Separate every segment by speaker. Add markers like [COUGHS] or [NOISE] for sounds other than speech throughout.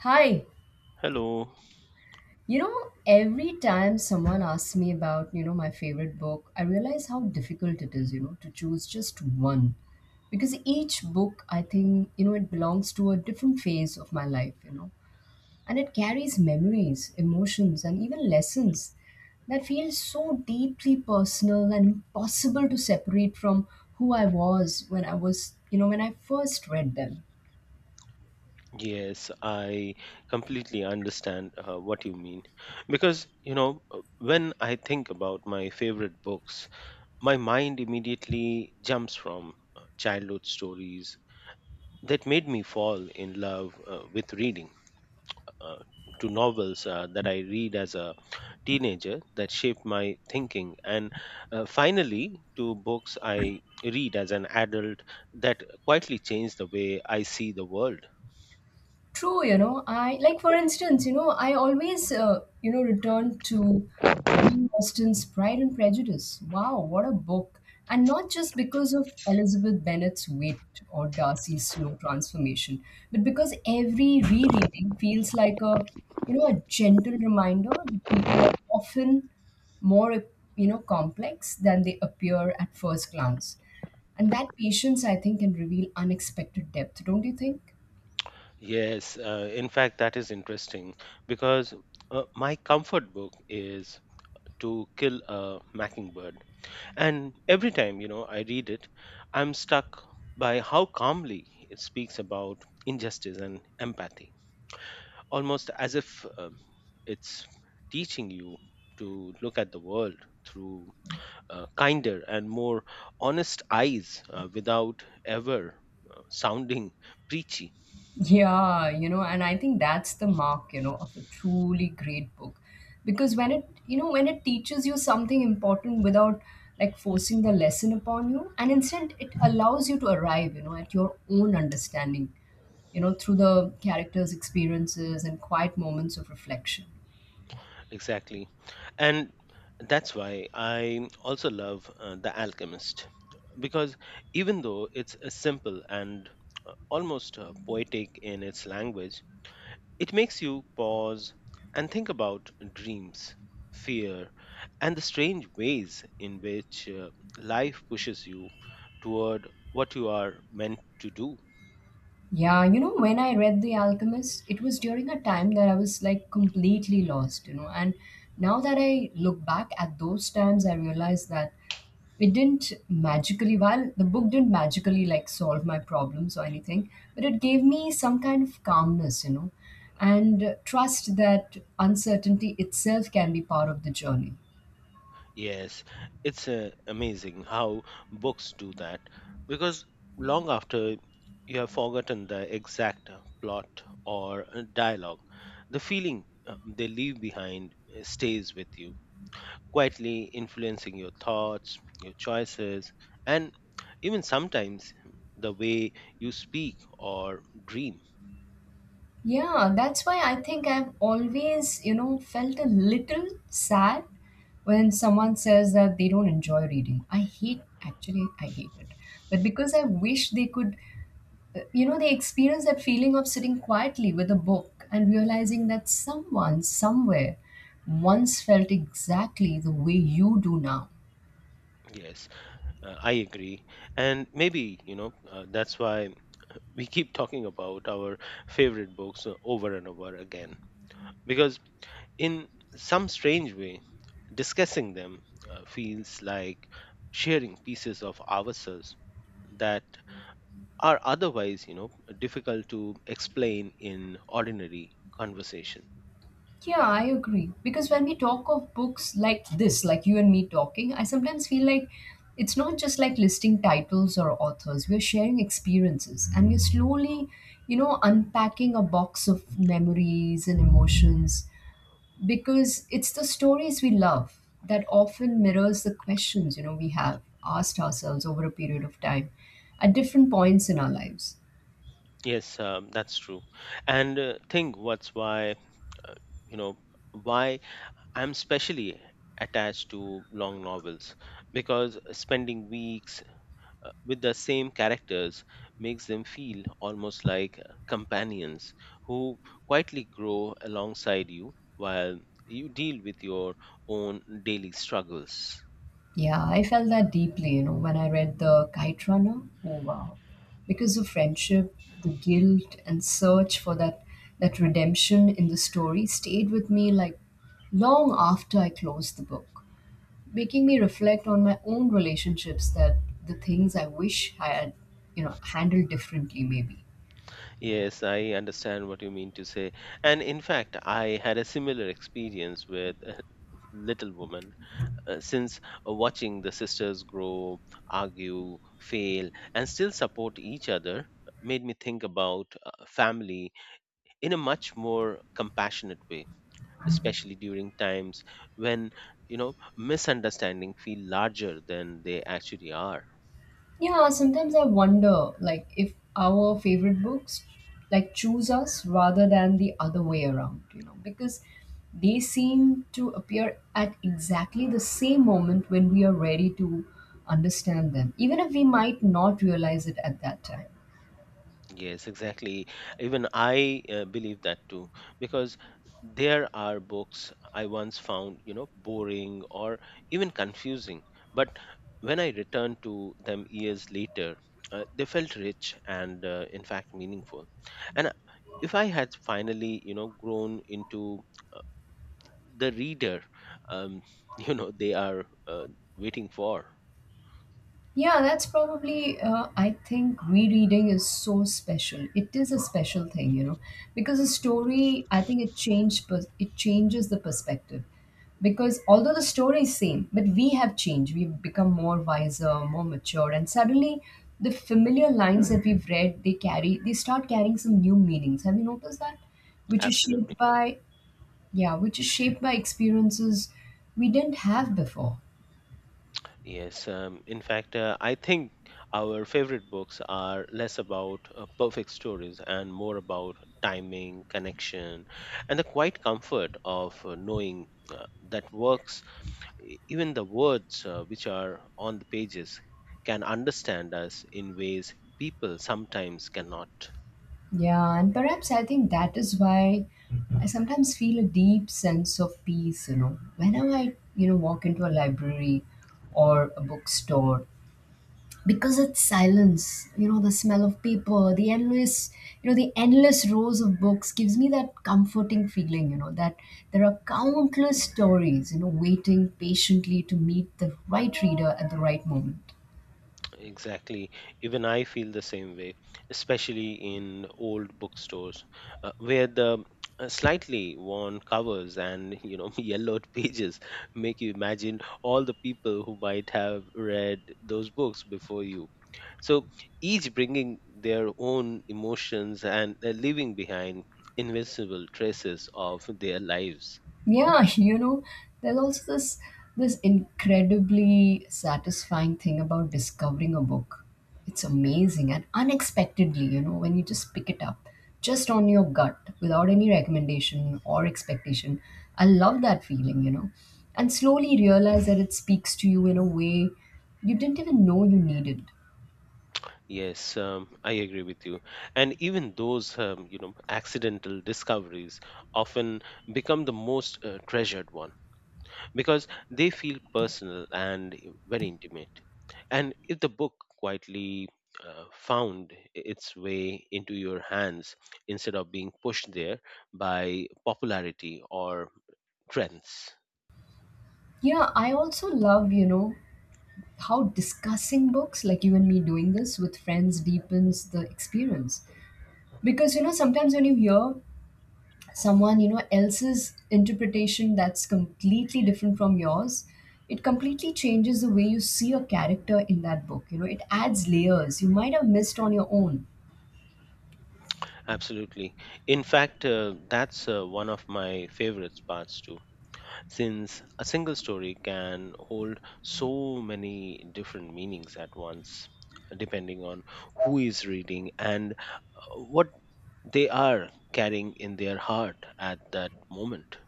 Speaker 1: Hi.
Speaker 2: Hello.
Speaker 1: You know, every time someone asks me about my favorite book, I realize how difficult it is to choose just one. Because each book, I think it belongs to a different phase of my life and it carries memories, emotions, and even lessons that feel so deeply personal and impossible to separate from who I was when I first read them.
Speaker 2: Yes, I completely understand what you mean. Because, you know, when I think about my favorite books, my mind immediately jumps from childhood stories that made me fall in love with reading, uh, to novels that I read as a teenager that shaped my thinking, and finally to books I read as an adult that quietly changed the way I see the world.
Speaker 1: True I like, for instance I always return to Jane Austen's Pride and Prejudice. Wow, what a book! And not just because of Elizabeth Bennet's wit or Darcy's slow transformation, but because every rereading feels like a gentle reminder that people are often more complex than they appear at first glance. And that patience, I think, can reveal unexpected depth, don't you think?
Speaker 2: Yes, in fact, that is interesting because my comfort book is To Kill a Mockingbird. And every time, you know, I read it, I'm struck by how calmly it speaks about injustice and empathy, almost as if it's teaching you to look at the world through kinder and more honest eyes without ever sounding preachy.
Speaker 1: Yeah and I think that's the mark of a truly great book. Because when it teaches you something important without like forcing the lesson upon you, and instead it allows you to arrive at your own understanding through the characters' experiences and quiet moments of reflection.
Speaker 2: Exactly. And that's why I also love The Alchemist, because even though it's simple and almost poetic in its language, it makes you pause and think about dreams, fear, and the strange ways in which life pushes you toward what you are meant to do.
Speaker 1: Yeah when I read The Alchemist, it was during a time that I was like completely lost. And now that I look back at those times, I realize that it didn't magically, while the book didn't magically like solve my problems or anything, but it gave me some kind of calmness and trust that uncertainty itself can be part of the journey.
Speaker 2: Yes, it's amazing how books do that because long after you have forgotten the exact plot or dialogue, the feeling they leave behind stays with you, quietly influencing your thoughts, your choices, and even sometimes the way you speak or dream.
Speaker 1: Yeah, that's why I think I've always felt a little sad when someone says that they don't enjoy reading. Actually, I hate it. But because I wish they they experience that feeling of sitting quietly with a book and realizing that someone, somewhere, once felt exactly the way you do now.
Speaker 2: Yes, I agree. And maybe, you know, that's why we keep talking about our favorite books over and over again because in some strange way discussing them feels like sharing pieces of ourselves that are otherwise, you know, difficult to explain in ordinary conversation.
Speaker 1: Yeah, I agree. Because when we talk of books like this, like you and me talking, I sometimes feel like it's not just like listing titles or authors. We're sharing experiences and we're slowly unpacking a box of memories and emotions because it's the stories we love that often mirrors the questions we have asked ourselves over a period of time at different points in our lives.
Speaker 2: Yes, that's true. And think what's why uh, you know why I'm specially attached to long novels, because spending weeks with the same characters makes them feel almost like companions who quietly grow alongside you while you deal with your own daily struggles.
Speaker 1: Yeah, I felt that deeply when I read The Kite Runner. Oh, wow. Because of friendship, the guilt, and search for that redemption in the story stayed with me like long after I closed the book, making me reflect on my own relationships, that the things I wish I had handled differently, maybe.
Speaker 2: Yes, I understand what you mean to say. And in fact, I had a similar experience with [LAUGHS] Little Woman, since watching the sisters grow, argue, fail, and still support each other made me think about family in a much more compassionate way, especially during times when, you know, misunderstanding feel larger than they actually are.
Speaker 1: Yeah, sometimes I wonder, like, if our favorite books, like, choose us rather than the other way around because they seem to appear at exactly the same moment when we are ready to understand them, even if we might not realize it at that time.
Speaker 2: Yes, exactly. Even I believe that too, because there are books I once found, you know, boring or even confusing, but when I returned to them years later, they felt rich and, in fact, meaningful. And if I had finally, you know, grown into uh, the reader um, [LAUGHS] you know, they are waiting for.
Speaker 1: Yeah, that's probably I think rereading is so special. It is a special thing because a story, I think it changes the perspective. Because although the story is same, but we have changed. We've become more wiser, more mature, and suddenly the familiar lines that we've read, they start carrying some new meanings. Have you noticed that? Which is
Speaker 2: Absolutely.
Speaker 1: shaped by, yeah, which is shaped by experiences we didn't have before.
Speaker 2: Yes, in fact, I think our favorite books are less about perfect stories and more about timing, connection, and the quiet comfort of knowing that works, even the words which are on the pages, can understand us in ways people sometimes cannot.
Speaker 1: Yeah, and perhaps I think that is why I sometimes feel a deep sense of peace whenever I walk into a library or a bookstore, because its silence the smell of paper, the endless rows of books, gives me that comforting feeling that there are countless stories waiting patiently to meet the right reader at the right moment.
Speaker 2: Exactly. Even I feel the same way, especially in old bookstores where the slightly worn covers and, you know, [LAUGHS] yellowed pages make you imagine all the people who might have read those books before you. So, each bringing their own emotions and leaving behind invincible traces of their lives.
Speaker 1: Yeah, [LAUGHS] there's also this incredibly satisfying thing about discovering a book. It's amazing and unexpectedly when you just pick it up just on your gut without any recommendation or expectation. I love that feeling. And slowly realize that it speaks to you in a way you didn't even know you needed.
Speaker 2: Yes, I agree with you. And even those, you know, accidental discoveries often become the most treasured one, because they feel personal and, very intimate. And if the book quietly found its way into your hands instead of being pushed there by popularity or trends.
Speaker 1: Yeah, I also love how discussing books, like you and me doing this, with friends, deepens the experience, because sometimes when you hear someone else's interpretation that's completely different from yours, it completely changes the way you see a character in that book. It adds layers you might have missed on your own.
Speaker 2: Absolutely. In fact, that's one of my favorite parts too, since a single story can hold so many different meanings at once, depending on who is reading and what they are carrying in their heart at that moment.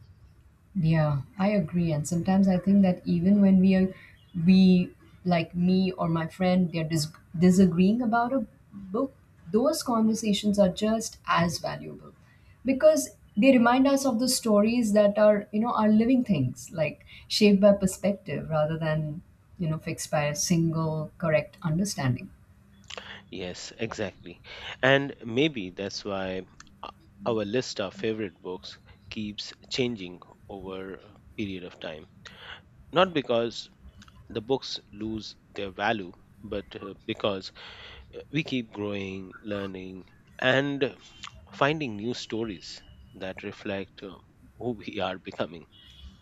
Speaker 1: Yeah, I agree. And sometimes I think that even when we, like me or my friend, they're disagreeing about a book, those conversations are just as valuable because they remind us of the stories that are living things, like shaped by perspective rather than fixed by a single correct understanding.
Speaker 2: Yes, exactly. And maybe that's why o- our list of favorite books keeps changing over a period of time. Not because the books lose their value, but because we keep growing, learning, and finding new stories that reflect who we [LAUGHS] are becoming.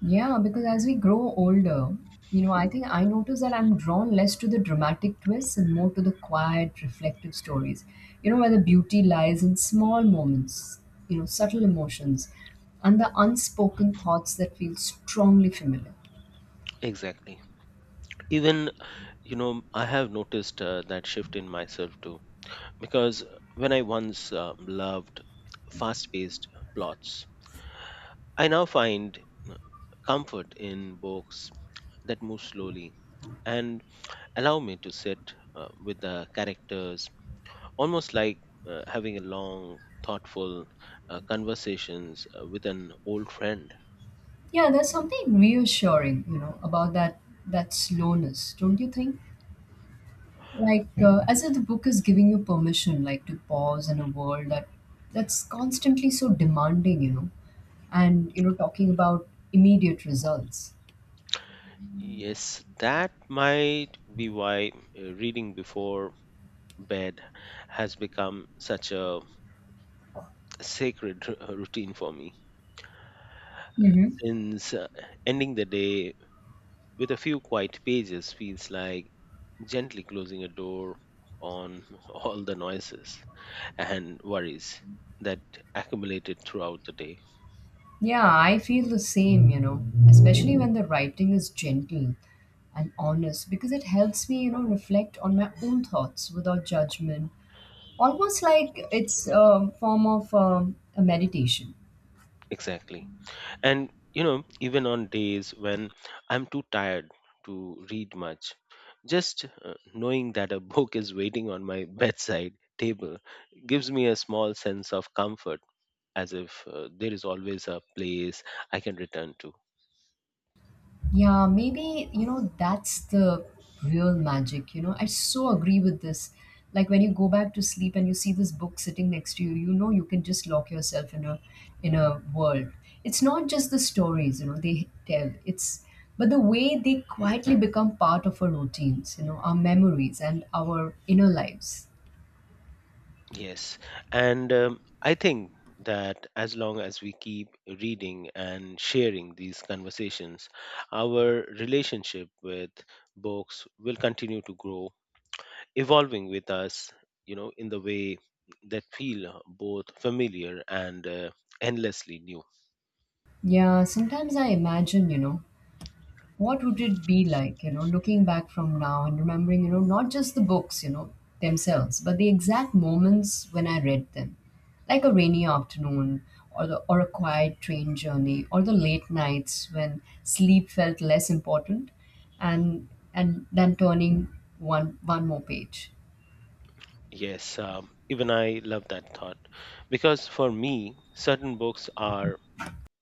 Speaker 1: Yeah, because as we grow older I think I notice that I'm drawn less to the dramatic twists and more to the quiet, reflective stories where the beauty lies in small moments subtle emotions, and the unspoken thoughts that feel strongly familiar.
Speaker 2: Exactly. Even, you know, I have noticed that shift in myself too, because when I once loved fast paced plots, I now find uh, comfort in books that move slowly and allow me to sit with the characters, almost like having a long, thoughtful conversations with an old friend.
Speaker 1: Yeah, there's something reassuring about that slowness, don't you think? Like as if the book is giving you permission, like, to pause in a world that's constantly so demanding and talking about immediate results.
Speaker 2: Yes, that might be why reading before bed has become such a sacred routine for me.
Speaker 1: Hmm.
Speaker 2: Since ending the day with a few quiet pages feels like gently closing a door on [LAUGHS] all the noises and worries that accumulated throughout the day.
Speaker 1: Yeah, I feel the same, especially when the writing is gentle and honest, because it helps me reflect on my own thoughts without judgment, almost like it's a form of a meditation.
Speaker 2: Exactly. And you know, even on days when I'm too tired to read much, just knowing that a [LAUGHS] book is waiting on my bedside table gives me a small sense of comfort, as if there is always a place I can return to.
Speaker 1: Yeah, maybe that's the real magic. I so agree with this. Like when you go back to sleep and you see this book sitting next to you, you know you can just lock yourself in a world. It's not just the stories they tell. It's but the way they quietly become part of our routines our memories and our inner lives.
Speaker 2: Yes. And I think that as long as we keep reading and sharing these conversations, our relationship with books will continue to grow, evolving with us, you know, in the way that feel both familiar and endlessly new.
Speaker 1: Yeah, sometimes I imagine what would it be like looking back from now and remembering not just the books themselves, but the exact moments when I read them, like a rainy afternoon or a quiet train journey, or the late nights when sleep felt less important, and then turning one more page.
Speaker 2: Yes, even I love that thought, because for me, certain books are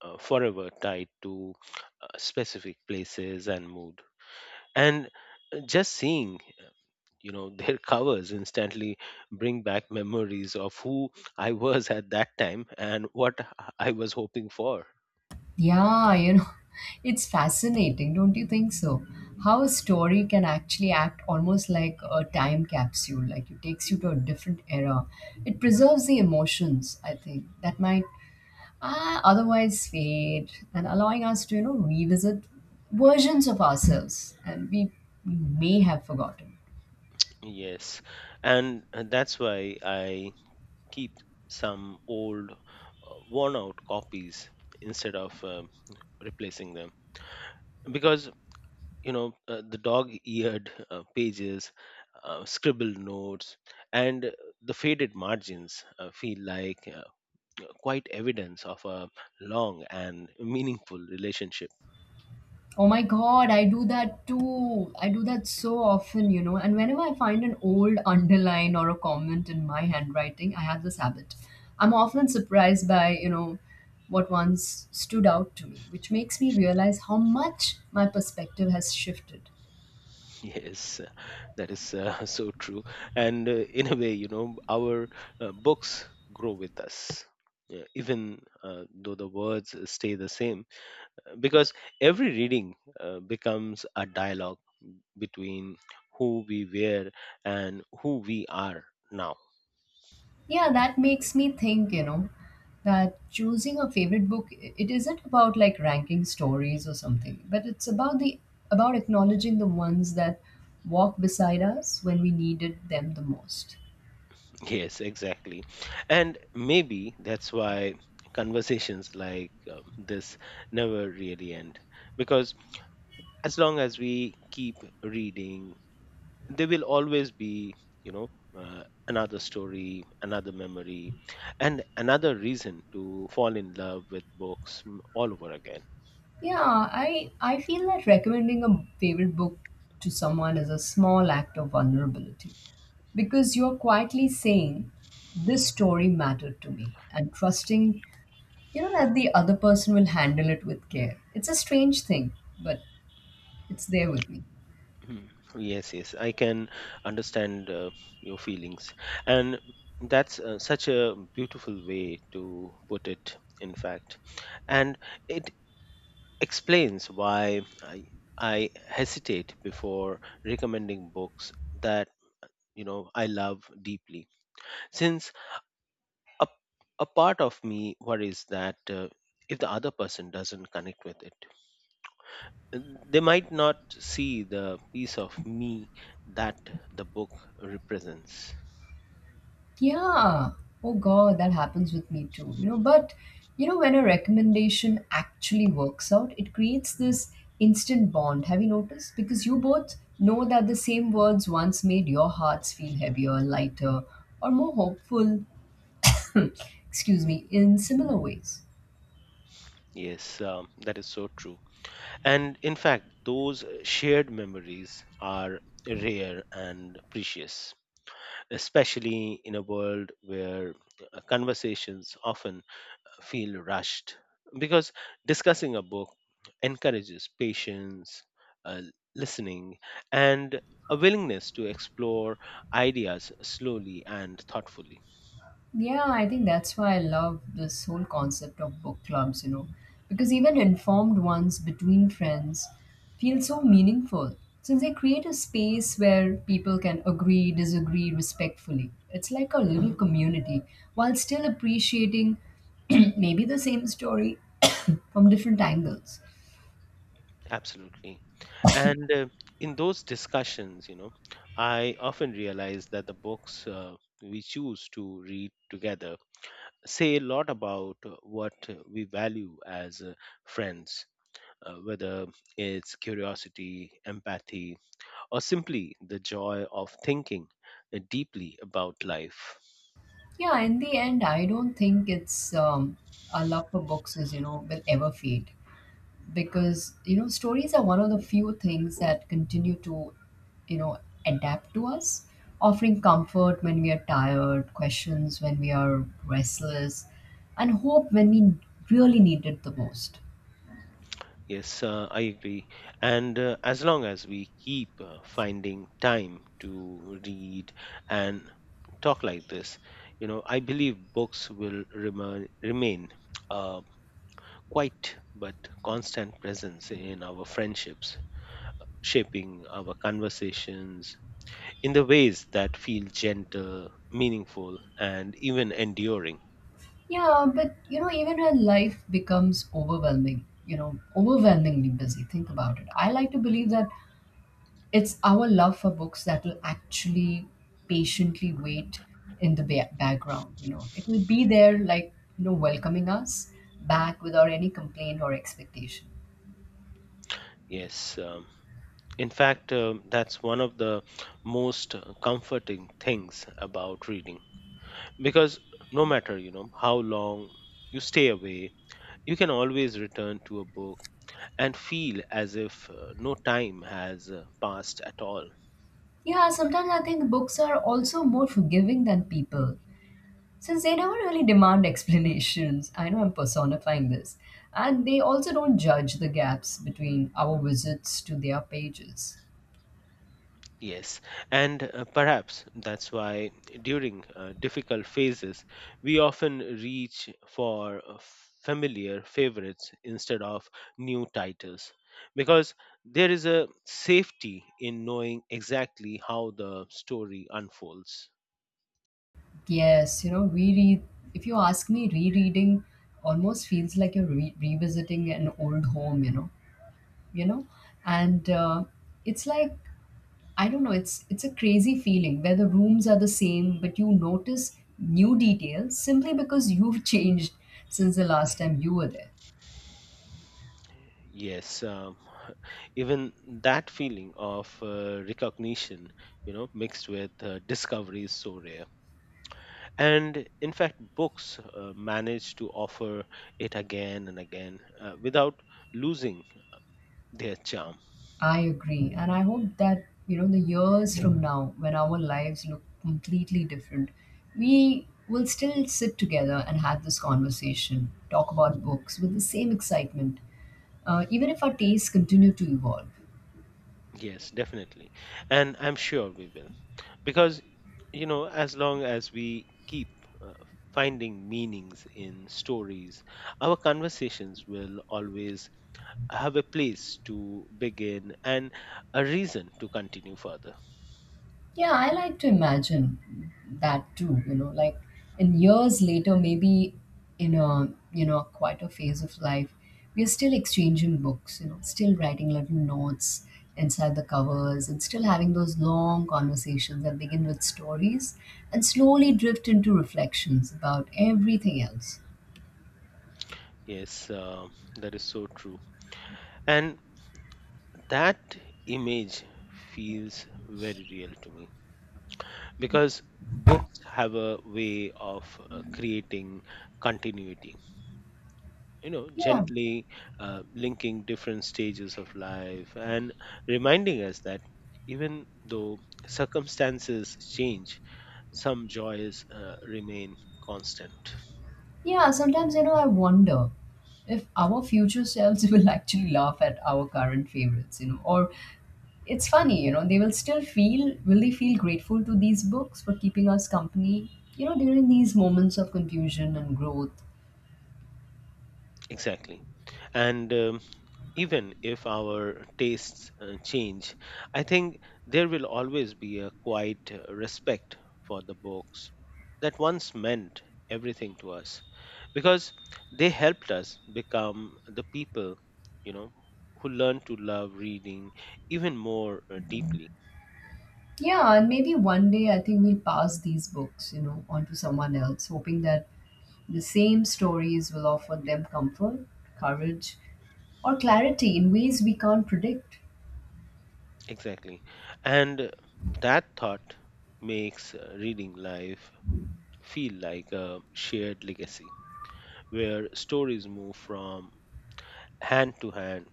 Speaker 2: forever tied to specific places and mood. And just seeing, you know, [LAUGHS] their covers instantly bring back memories of who I was at that time and what I was hoping for.
Speaker 1: Yeah, [LAUGHS] it's fascinating, don't you think so? How a story can actually act almost like a time capsule, like it takes you to a different era. It preserves the emotions, I think, that might otherwise fade, and allowing us to revisit versions of ourselves and we may have forgotten.
Speaker 2: Yes, and that's why I keep some old, worn out copies instead of replacing them. Because, you know, the dog eared pages, scribbled notes, and the faded margins feel like quite evidence of a long and meaningful relationship. [LAUGHS]
Speaker 1: Oh my God, I do that too. I do that so often. And whenever I find an old underline or a comment in my handwriting, I have this habit. I'm often surprised by what once stood out to me, which makes me realize how much my perspective has shifted.
Speaker 2: Yes, that is [LAUGHS] so true. And in a way, you know, our books grow with us. Yeah, even though the words stay the same, because every reading becomes a dialogue between who we were and who we are now.
Speaker 1: Yeah, that makes me think that choosing a favorite book, it isn't about like ranking stories or something, but it's about acknowledging the ones that walk beside us when we needed them the most.
Speaker 2: [LAUGHS] Yes, exactly. And maybe that's why conversations like this never really end, because as long as we keep reading, there will always be, you know, uh, another story, another memory, and another reason to fall in love with books, all over again.
Speaker 1: Yeah, I feel that recommending a favorite book to someone is a small act of vulnerability, because you're quietly saying this story mattered to me, and trusting that the other person will handle it with care. It's a strange thing, but it's there with me.
Speaker 2: Mhm. Yes, yes, I can understand your feelings, and that's such a beautiful way to put it. In fact, and it explains why I hesitate before recommending books that, you know, I love deeply, since a a part of me worries that if the other person doesn't connect with it, they might not see the piece of me that the book represents.
Speaker 1: Yeah. Oh God, that happens with me too. But when a recommendation actually works out, it creates this instant bond. Have you noticed? Because you both know that the same words once made your hearts feel heavier, lighter, or more hopeful. [COUGHS] Excuse me, in similar ways.
Speaker 2: Yes, that is so true. And in fact, those shared memories are rare and precious, especially in a world where conversations often feel rushed. Because discussing a book encourages patience, uh, listening, and a willingness to explore ideas slowly and thoughtfully.
Speaker 1: Yeah, I think that's why I love this whole concept of book clubs because even informed ones between friends feel so meaningful, since they create a space where people can agree, disagree respectfully. It's like a little community, while still appreciating [CLEARS THROAT] maybe the same story [COUGHS] from different angles.
Speaker 2: Absolutely. And in those discussions, you know, I often realize that the books we choose to read together say a lot about what we value as friends, whether it's curiosity, empathy, or simply the joy of thinking deeply about life.
Speaker 1: Yeah, in the end, I don't think it's our love for books will ever fade, because stories are one of the few things that continue to you know adapt to us, offering comfort when we are tired, questions when we are restless, and hope when we really need it the most.
Speaker 2: Yes, I agree. And as long as we keep finding time to read and talk like this, you know, I believe books will remain uh, quite but constant presence in our friendships, shaping our conversations in the ways that feel gentle, meaningful, and even enduring.
Speaker 1: Yeah, but even when life becomes overwhelmingly busy, think about it. I like to believe that it's our love for books that will actually patiently wait in the background. It will be there, like, welcoming us back without any complaint or expectation.
Speaker 2: Yes, in fact, that's one of the most comforting things about reading, because no matter, you know, how long you stay away, you can always return to a book and feel as if no time has passed at all.
Speaker 1: Yeah, sometimes I think books are also more forgiving than people since they never really demand [LAUGHS] explanations. I know I'm personifying this. And they also don't judge the gaps between our visits to their pages.
Speaker 2: Yes, and perhaps that's why during difficult phases we often reach for familiar favorites instead of new titles, because there is a safety in knowing exactly how the story unfolds.
Speaker 1: Yes, you know, reread, if you ask me, rereading almost feels like you're revisiting an old home, you know, and it's like, I don't know, it's a crazy feeling where the rooms are the same, but you notice new details simply because you've [LAUGHS] changed since the last time you were there.
Speaker 2: Yes, even that feeling of recognition, you know, mixed with discovery is so rare. And in fact, books manage to offer it again and again without losing their charm.
Speaker 1: I agree. And I hope that, you know, the years from now, when our lives look completely different, we will still sit together and have this conversation, talk about books with the same excitement, even if our tastes continue to evolve.
Speaker 2: Yes, definitely. And I'm sure we will. Because, you know, as long as we keep uh, finding meanings in stories, our conversations will always have a place to begin and a reason to continue further.
Speaker 1: Yeah, I like to imagine that too, you know, like in years later, maybe in a, you know, quite a phase of life, we are still exchanging books, you know, still writing little notes inside the covers and still having those long conversations that begin with stories and slowly drift into reflections about everything else.
Speaker 2: Yes, that is so true. And that image feels very real to me, because books have a way of creating continuity, you know,
Speaker 1: Yeah.
Speaker 2: gently linking different stages of life and reminding us that even though circumstances change, some joys remain constant.
Speaker 1: Yeah, sometimes, you know, I wonder if our future selves [LAUGHS] will actually laugh at our current favorites, you know, or it's funny, you know, they will still feel, will they feel grateful to these books for keeping us company, you know, during these moments of confusion and growth?
Speaker 2: Exactly. And even if our tastes change, I think there will always be a quiet respect for the books that once meant everything to us, because they helped us become the people, you know, who learn to love reading even more deeply.
Speaker 1: Yeah, and maybe one day I think we'll pass these books, you know, on to someone else, hoping that the same stories will offer them comfort, courage, or clarity in ways we can't predict.
Speaker 2: Exactly. And that thought makes reading life feel like a shared legacy where stories move from hand to hand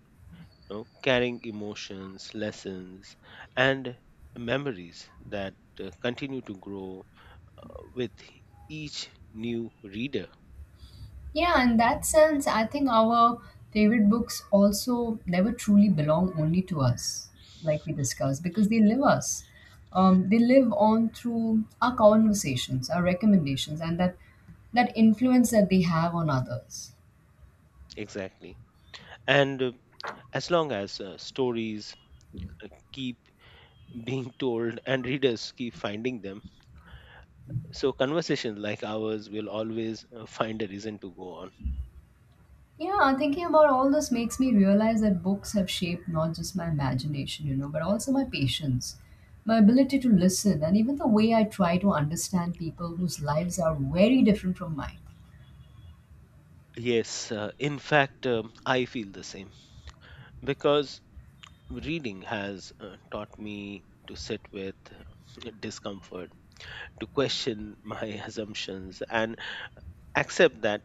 Speaker 2: know, carrying emotions, lessons, and memories that continue to grow uh, with each new reader.
Speaker 1: Yeah, in that sense, I think our favorite books also never truly belong only to us, like we discussed, because they live us. They live on through our conversations, our recommendations, and that influence that they have on others.
Speaker 2: Exactly. And as long as stories keep [LAUGHS] being told and readers keep finding them, so conversations like ours will always find a reason to go on.
Speaker 1: Yeah, thinking about all this makes me realize that books have shaped not just my imagination, you know, but also my patience, my ability to listen, and even the way I try to understand people whose lives are very different from mine.
Speaker 2: Yes, in fact, I feel the same because reading has taught me to sit with discomfort, to question my [LAUGHS] assumptions and accept that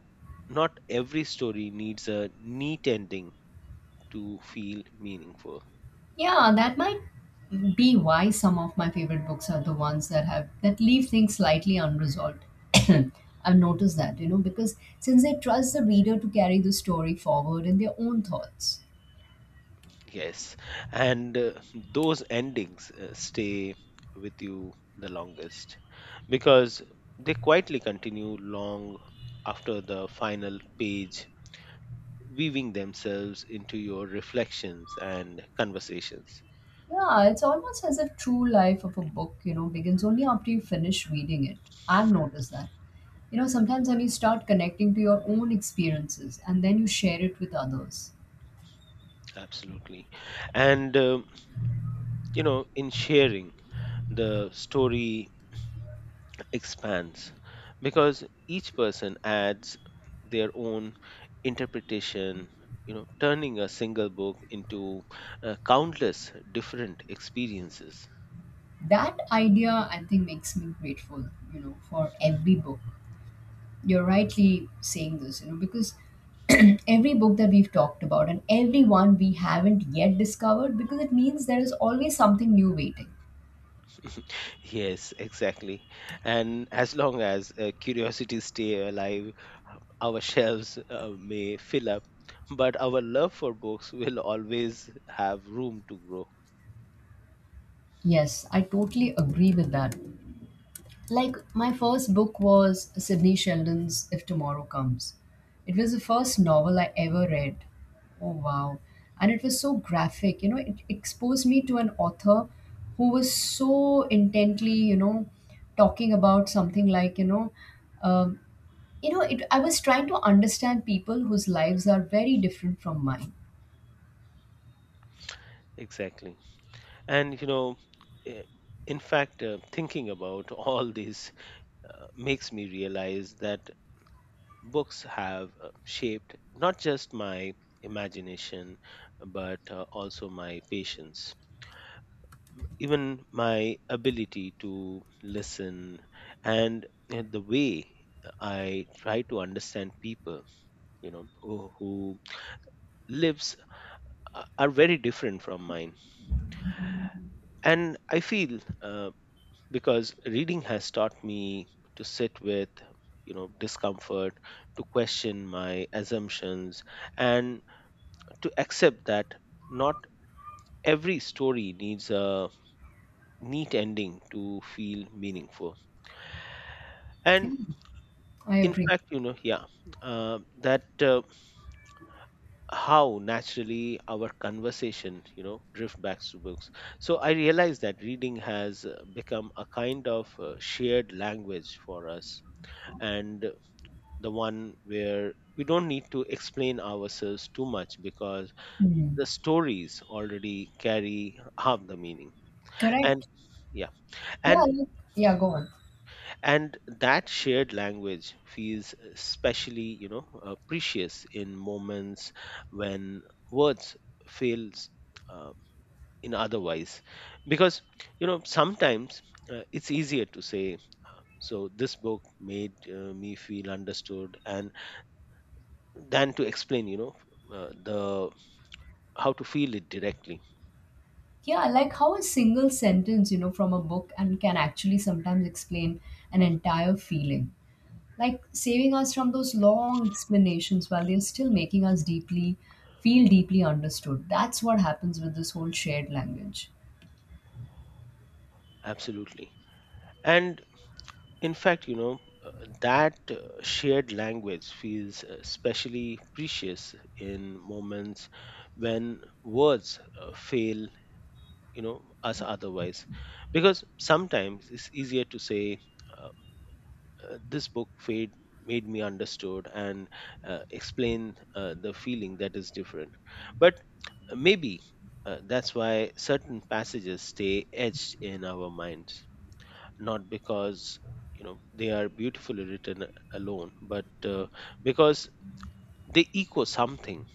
Speaker 2: not every story needs a neat ending to feel meaningful.
Speaker 1: Yeah, that might be why some of my favorite books are the ones that have that leave things slightly unresolved. [COUGHS] [CLEARS THROAT] I've noticed that, you know, because since they trust the reader to carry the story forward in their own thoughts.
Speaker 2: Yes. And those endings stay with you the longest because they quietly continue long after the final page, weaving themselves into your reflections and conversations.
Speaker 1: Yeah, it's almost as if true life of a book, you know, begins only after you finish reading it. I've noticed that. You know, sometimes when you start connecting to your own experiences and then you share it with others.
Speaker 2: Absolutely. And, um, you know, in sharing, the story expands because each person adds their own interpretation, you know, turning a single book into countless different experiences.
Speaker 1: That idea I think makes me grateful, you know, for every book. You're rightly saying this, you know, because [CLEARS THROAT] every book that we've talked about and every one we haven't yet discovered, because it means there is always something new waiting.
Speaker 2: Yes, exactly. And as long as curiosity stay alive, our [LAUGHS] shelves may fill up, but our love for books will always have room to grow.
Speaker 1: Yes, I totally agree with that. Like, my first book was Sydney Sheldon's If Tomorrow Comes. It was the first novel I ever read. Oh, wow. And it was so graphic. You know, it exposed me to an author who was so intently, you know, talking about something like, you know, um you know, it, I was trying to understand people whose lives are very different from mine.
Speaker 2: Exactly. And you know, eh, in fact, thinking about [LAUGHS] all these makes me realize that books have shaped not just my imagination, but also my patience, even my ability to listen, and the way I try to understand people, you know, who lives are very different from mine. And I feel because reading has taught me to sit with, you know, discomfort, to question my assumptions, and to accept that not every story needs a neat ending to feel meaningful.
Speaker 1: Yeah,
Speaker 2: And
Speaker 1: I
Speaker 2: in
Speaker 1: agree.
Speaker 2: fact, you know, yeah, that how naturally our conversation, you know, drift back to books, so I realize that reading has become a kind of shared language for us, and the one where we don't need to explain ourselves too much because
Speaker 1: Hmm.
Speaker 2: the stories already carry half the meaning. And
Speaker 1: Correct.
Speaker 2: yeah.
Speaker 1: Yeah,
Speaker 2: and
Speaker 1: like, yeah, go on.
Speaker 2: and that shared language feels especially, you know, precious in moments when words fails uh, in otherwise, because you know, sometimes it's easier to say, so this book made me feel understood, and than to explain, you know, the how to feel it directly.
Speaker 1: Yeah, like how a single sentence, you know, from a book and can actually sometimes explain an entire feeling. Like saving us from those long explanations while they're still making us deeply feel deeply understood. That's what happens with this whole shared language.
Speaker 2: Absolutely. And in fact, you know, that shared language feels especially precious in moments when words fail, you know, us otherwise, because sometimes it's easier to say, um, this book fade made me understood, and explain the feeling that is different. But maybe that's why certain passages stay etched in our minds, not because you know they are beautifully written alone, but because they echo something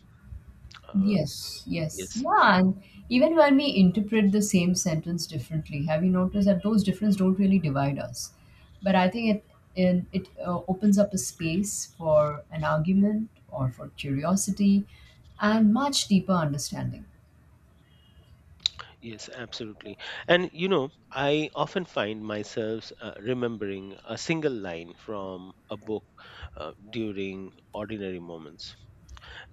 Speaker 2: uh,
Speaker 1: Yes, yes.
Speaker 2: yes,
Speaker 1: Yeah, and even when we interpret the same sentence differently, have you noticed that those differences don't really divide us? But I think it opens up a space for an argument or for curiosity and much deeper understanding.
Speaker 2: yes, absolutely. And you know, I often find myself remembering a single line from a book during ordinary moments,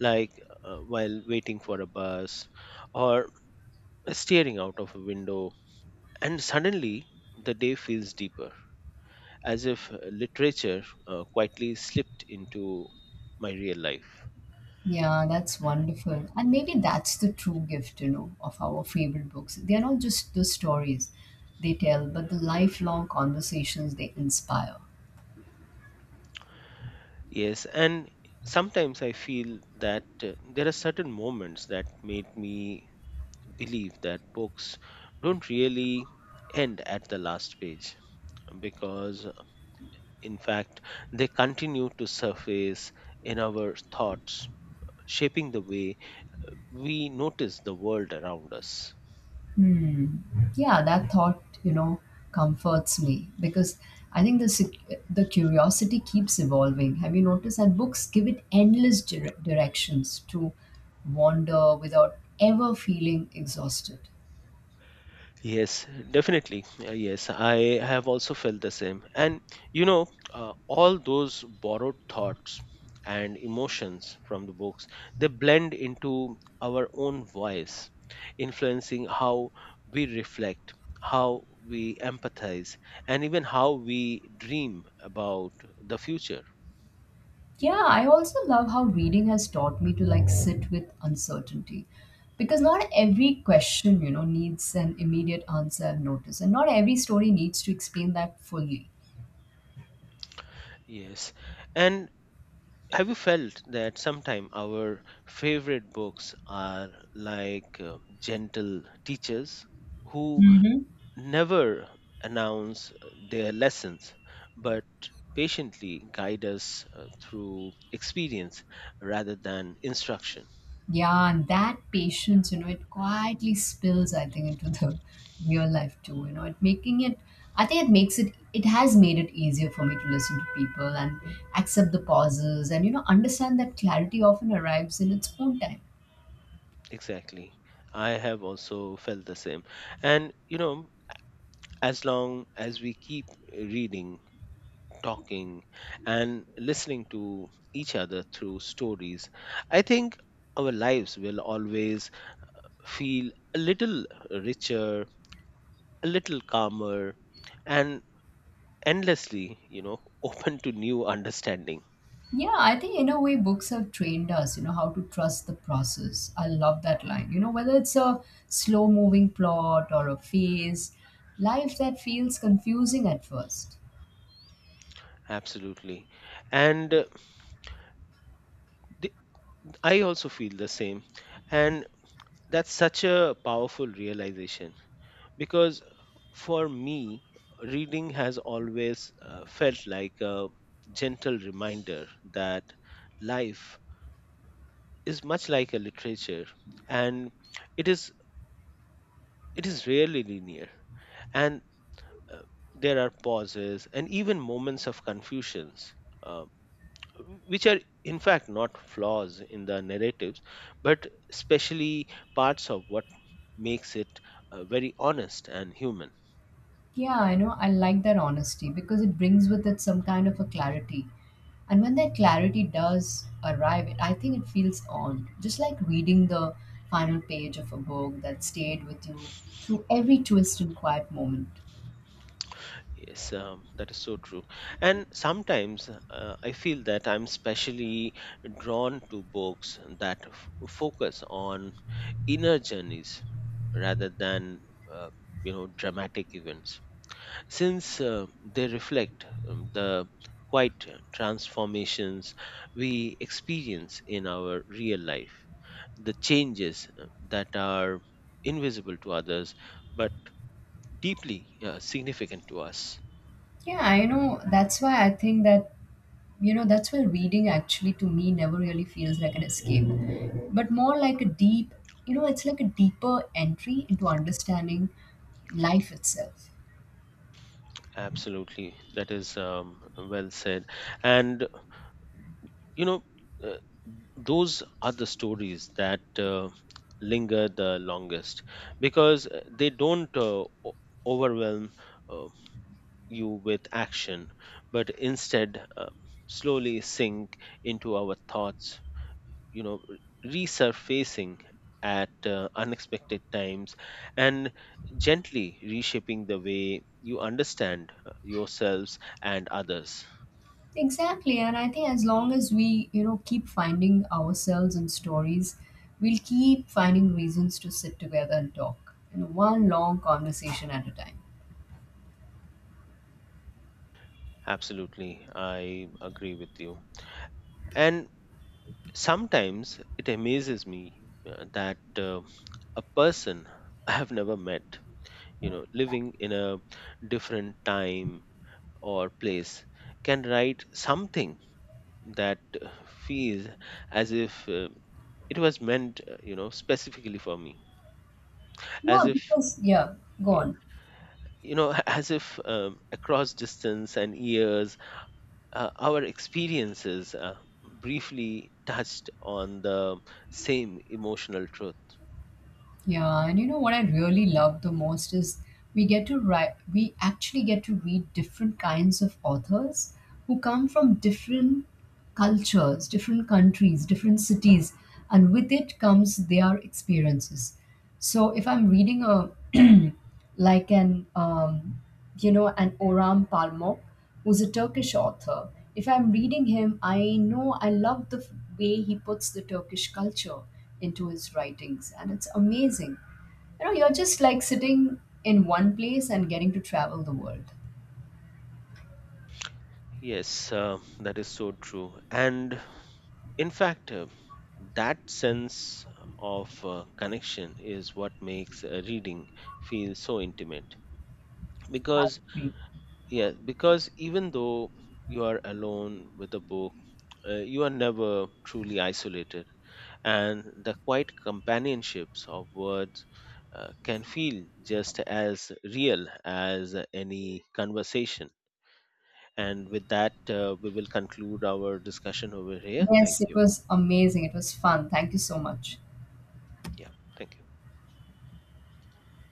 Speaker 2: like while waiting for a bus, or staring out of a window, and suddenly the day feels deeper, as if literature quietly slipped into my real life.
Speaker 1: Yeah, that's wonderful. And maybe that's the true gift, you know, of our favorite books. They are not just the stories they tell, but the lifelong conversations they inspire.
Speaker 2: Yes, and sometimes I feel that there are certain moments that made me believe that books don't really end at the last page because, in fact, they continue to surface in our thoughts, shaping the way we notice the world around us.
Speaker 1: Hmm. Yeah, that thought, you know, comforts me because I think the curiosity keeps evolving. Have you noticed that books give it endless directions to wander without ever feeling exhausted?
Speaker 2: Yes, definitely. Yes, I have also felt the same. And you know, all those borrowed thoughts and emotions from the books, they blend into our own voice, influencing how we reflect, how we empathize, and even how we dream about the future.
Speaker 1: Yeah, I also love how reading has taught me to like sit with uncertainty because not every question, you know, needs an immediate answer, I've noticed, and not every story needs to explain that fully.
Speaker 2: Yes. And have you felt that sometimes our favorite books are like gentle teachers who
Speaker 1: Mm-hmm.
Speaker 2: never announce their lessons, but patiently guide us through experience rather than instruction?
Speaker 1: Yeah, and that patience, you know, it quietly spills, I think, into the [LAUGHS] real life too. You know, I think it makes it, it has made it easier for me to listen to people and accept the pauses and, you know, understand that clarity often arrives in its own time.
Speaker 2: Exactly. I have also felt the same. And, you know, as long as we keep reading, talking, and listening to each other through stories, I think our lives will always feel a little richer, a little calmer, and endlessly, you know, [LAUGHS] open to new understanding.
Speaker 1: Yeah, I think in a way books have trained us, you know, how to trust the process. I love that line. You know, whether it's a slow moving plot or a phase, life that feels confusing at first.
Speaker 2: Absolutely. And uh, the- I also feel the same. And that's such a powerful realization because for me, reading has always felt like a gentle reminder that life is much like a literature, and it is it is rarely linear, and uh, there are pauses and even moments of confusions, uh, which are in fact not flaws in the narratives, but especially parts of what makes it very honest and human.
Speaker 1: Yeah, I know. I like that honesty because it brings with it some kind of a clarity. And when that clarity does arrive, it, I think it feels odd. Just like reading the final page of a book that stayed with you through every twist and quiet moment.
Speaker 2: Yes, that is so true. And sometimes I feel that I'm specially drawn to books that focus on inner journeys rather than uh, you know, dramatic events, since they reflect, the quite transformations we experience in our real life, the changes that are invisible to others but deeply significant to us.
Speaker 1: Yeah, I know. That's why I think that, you know, that's why reading actually to me never really feels like an escape, but more like a deep, you know, it's like a deeper entry into understanding life itself.
Speaker 2: Absolutely, that is, well said. And you know, uh, those are the stories that linger the longest because they don't overwhelm uh, you with action, but instead slowly sink into our thoughts, you know, resurfacing at unexpected times, and gently reshaping the way you understand yourselves and others.
Speaker 1: Exactly, and I think as long as we, you know, keep finding ourselves in stories, we'll keep finding reasons to sit together and talk. You know, one long conversation at a time.
Speaker 2: Absolutely, I agree with you. And sometimes it amazes me that a person I have never met, you know, living in a different time or place, can write something that feels as if it was meant, you know, specifically for me.
Speaker 1: Yeah,
Speaker 2: As if
Speaker 1: because yeah, go
Speaker 2: yeah,
Speaker 1: on.
Speaker 2: you know, [LAUGHS] as if, across distance and years, our experiences briefly touched on the same emotional truth.
Speaker 1: Yeah, and you know what I really love the most is we actually get to read different kinds of authors who come from different cultures, different countries, different cities, and with it comes their experiences. So if I'm reading a [CLEARS THROAT] like an you know, an Orhan Pamuk, who's a Turkish author. If I'm reading him, I know I love the way he puts the Turkish culture into his writings, and it's amazing. You know, you're just like sitting in one place and getting to travel the world.
Speaker 2: Yes, that is so true. And in fact, that sense of connection is what makes reading feel so intimate. Because,
Speaker 1: Mm.
Speaker 2: yeah, because even though you are alone with a book, you are never truly isolated. And the quiet companionships of words can feel just as real as any conversation. And with that, we will conclude our discussion over here. Thank
Speaker 1: Yes, it
Speaker 2: you.
Speaker 1: was amazing. It was fun. Thank you so much.
Speaker 2: Yeah, thank you.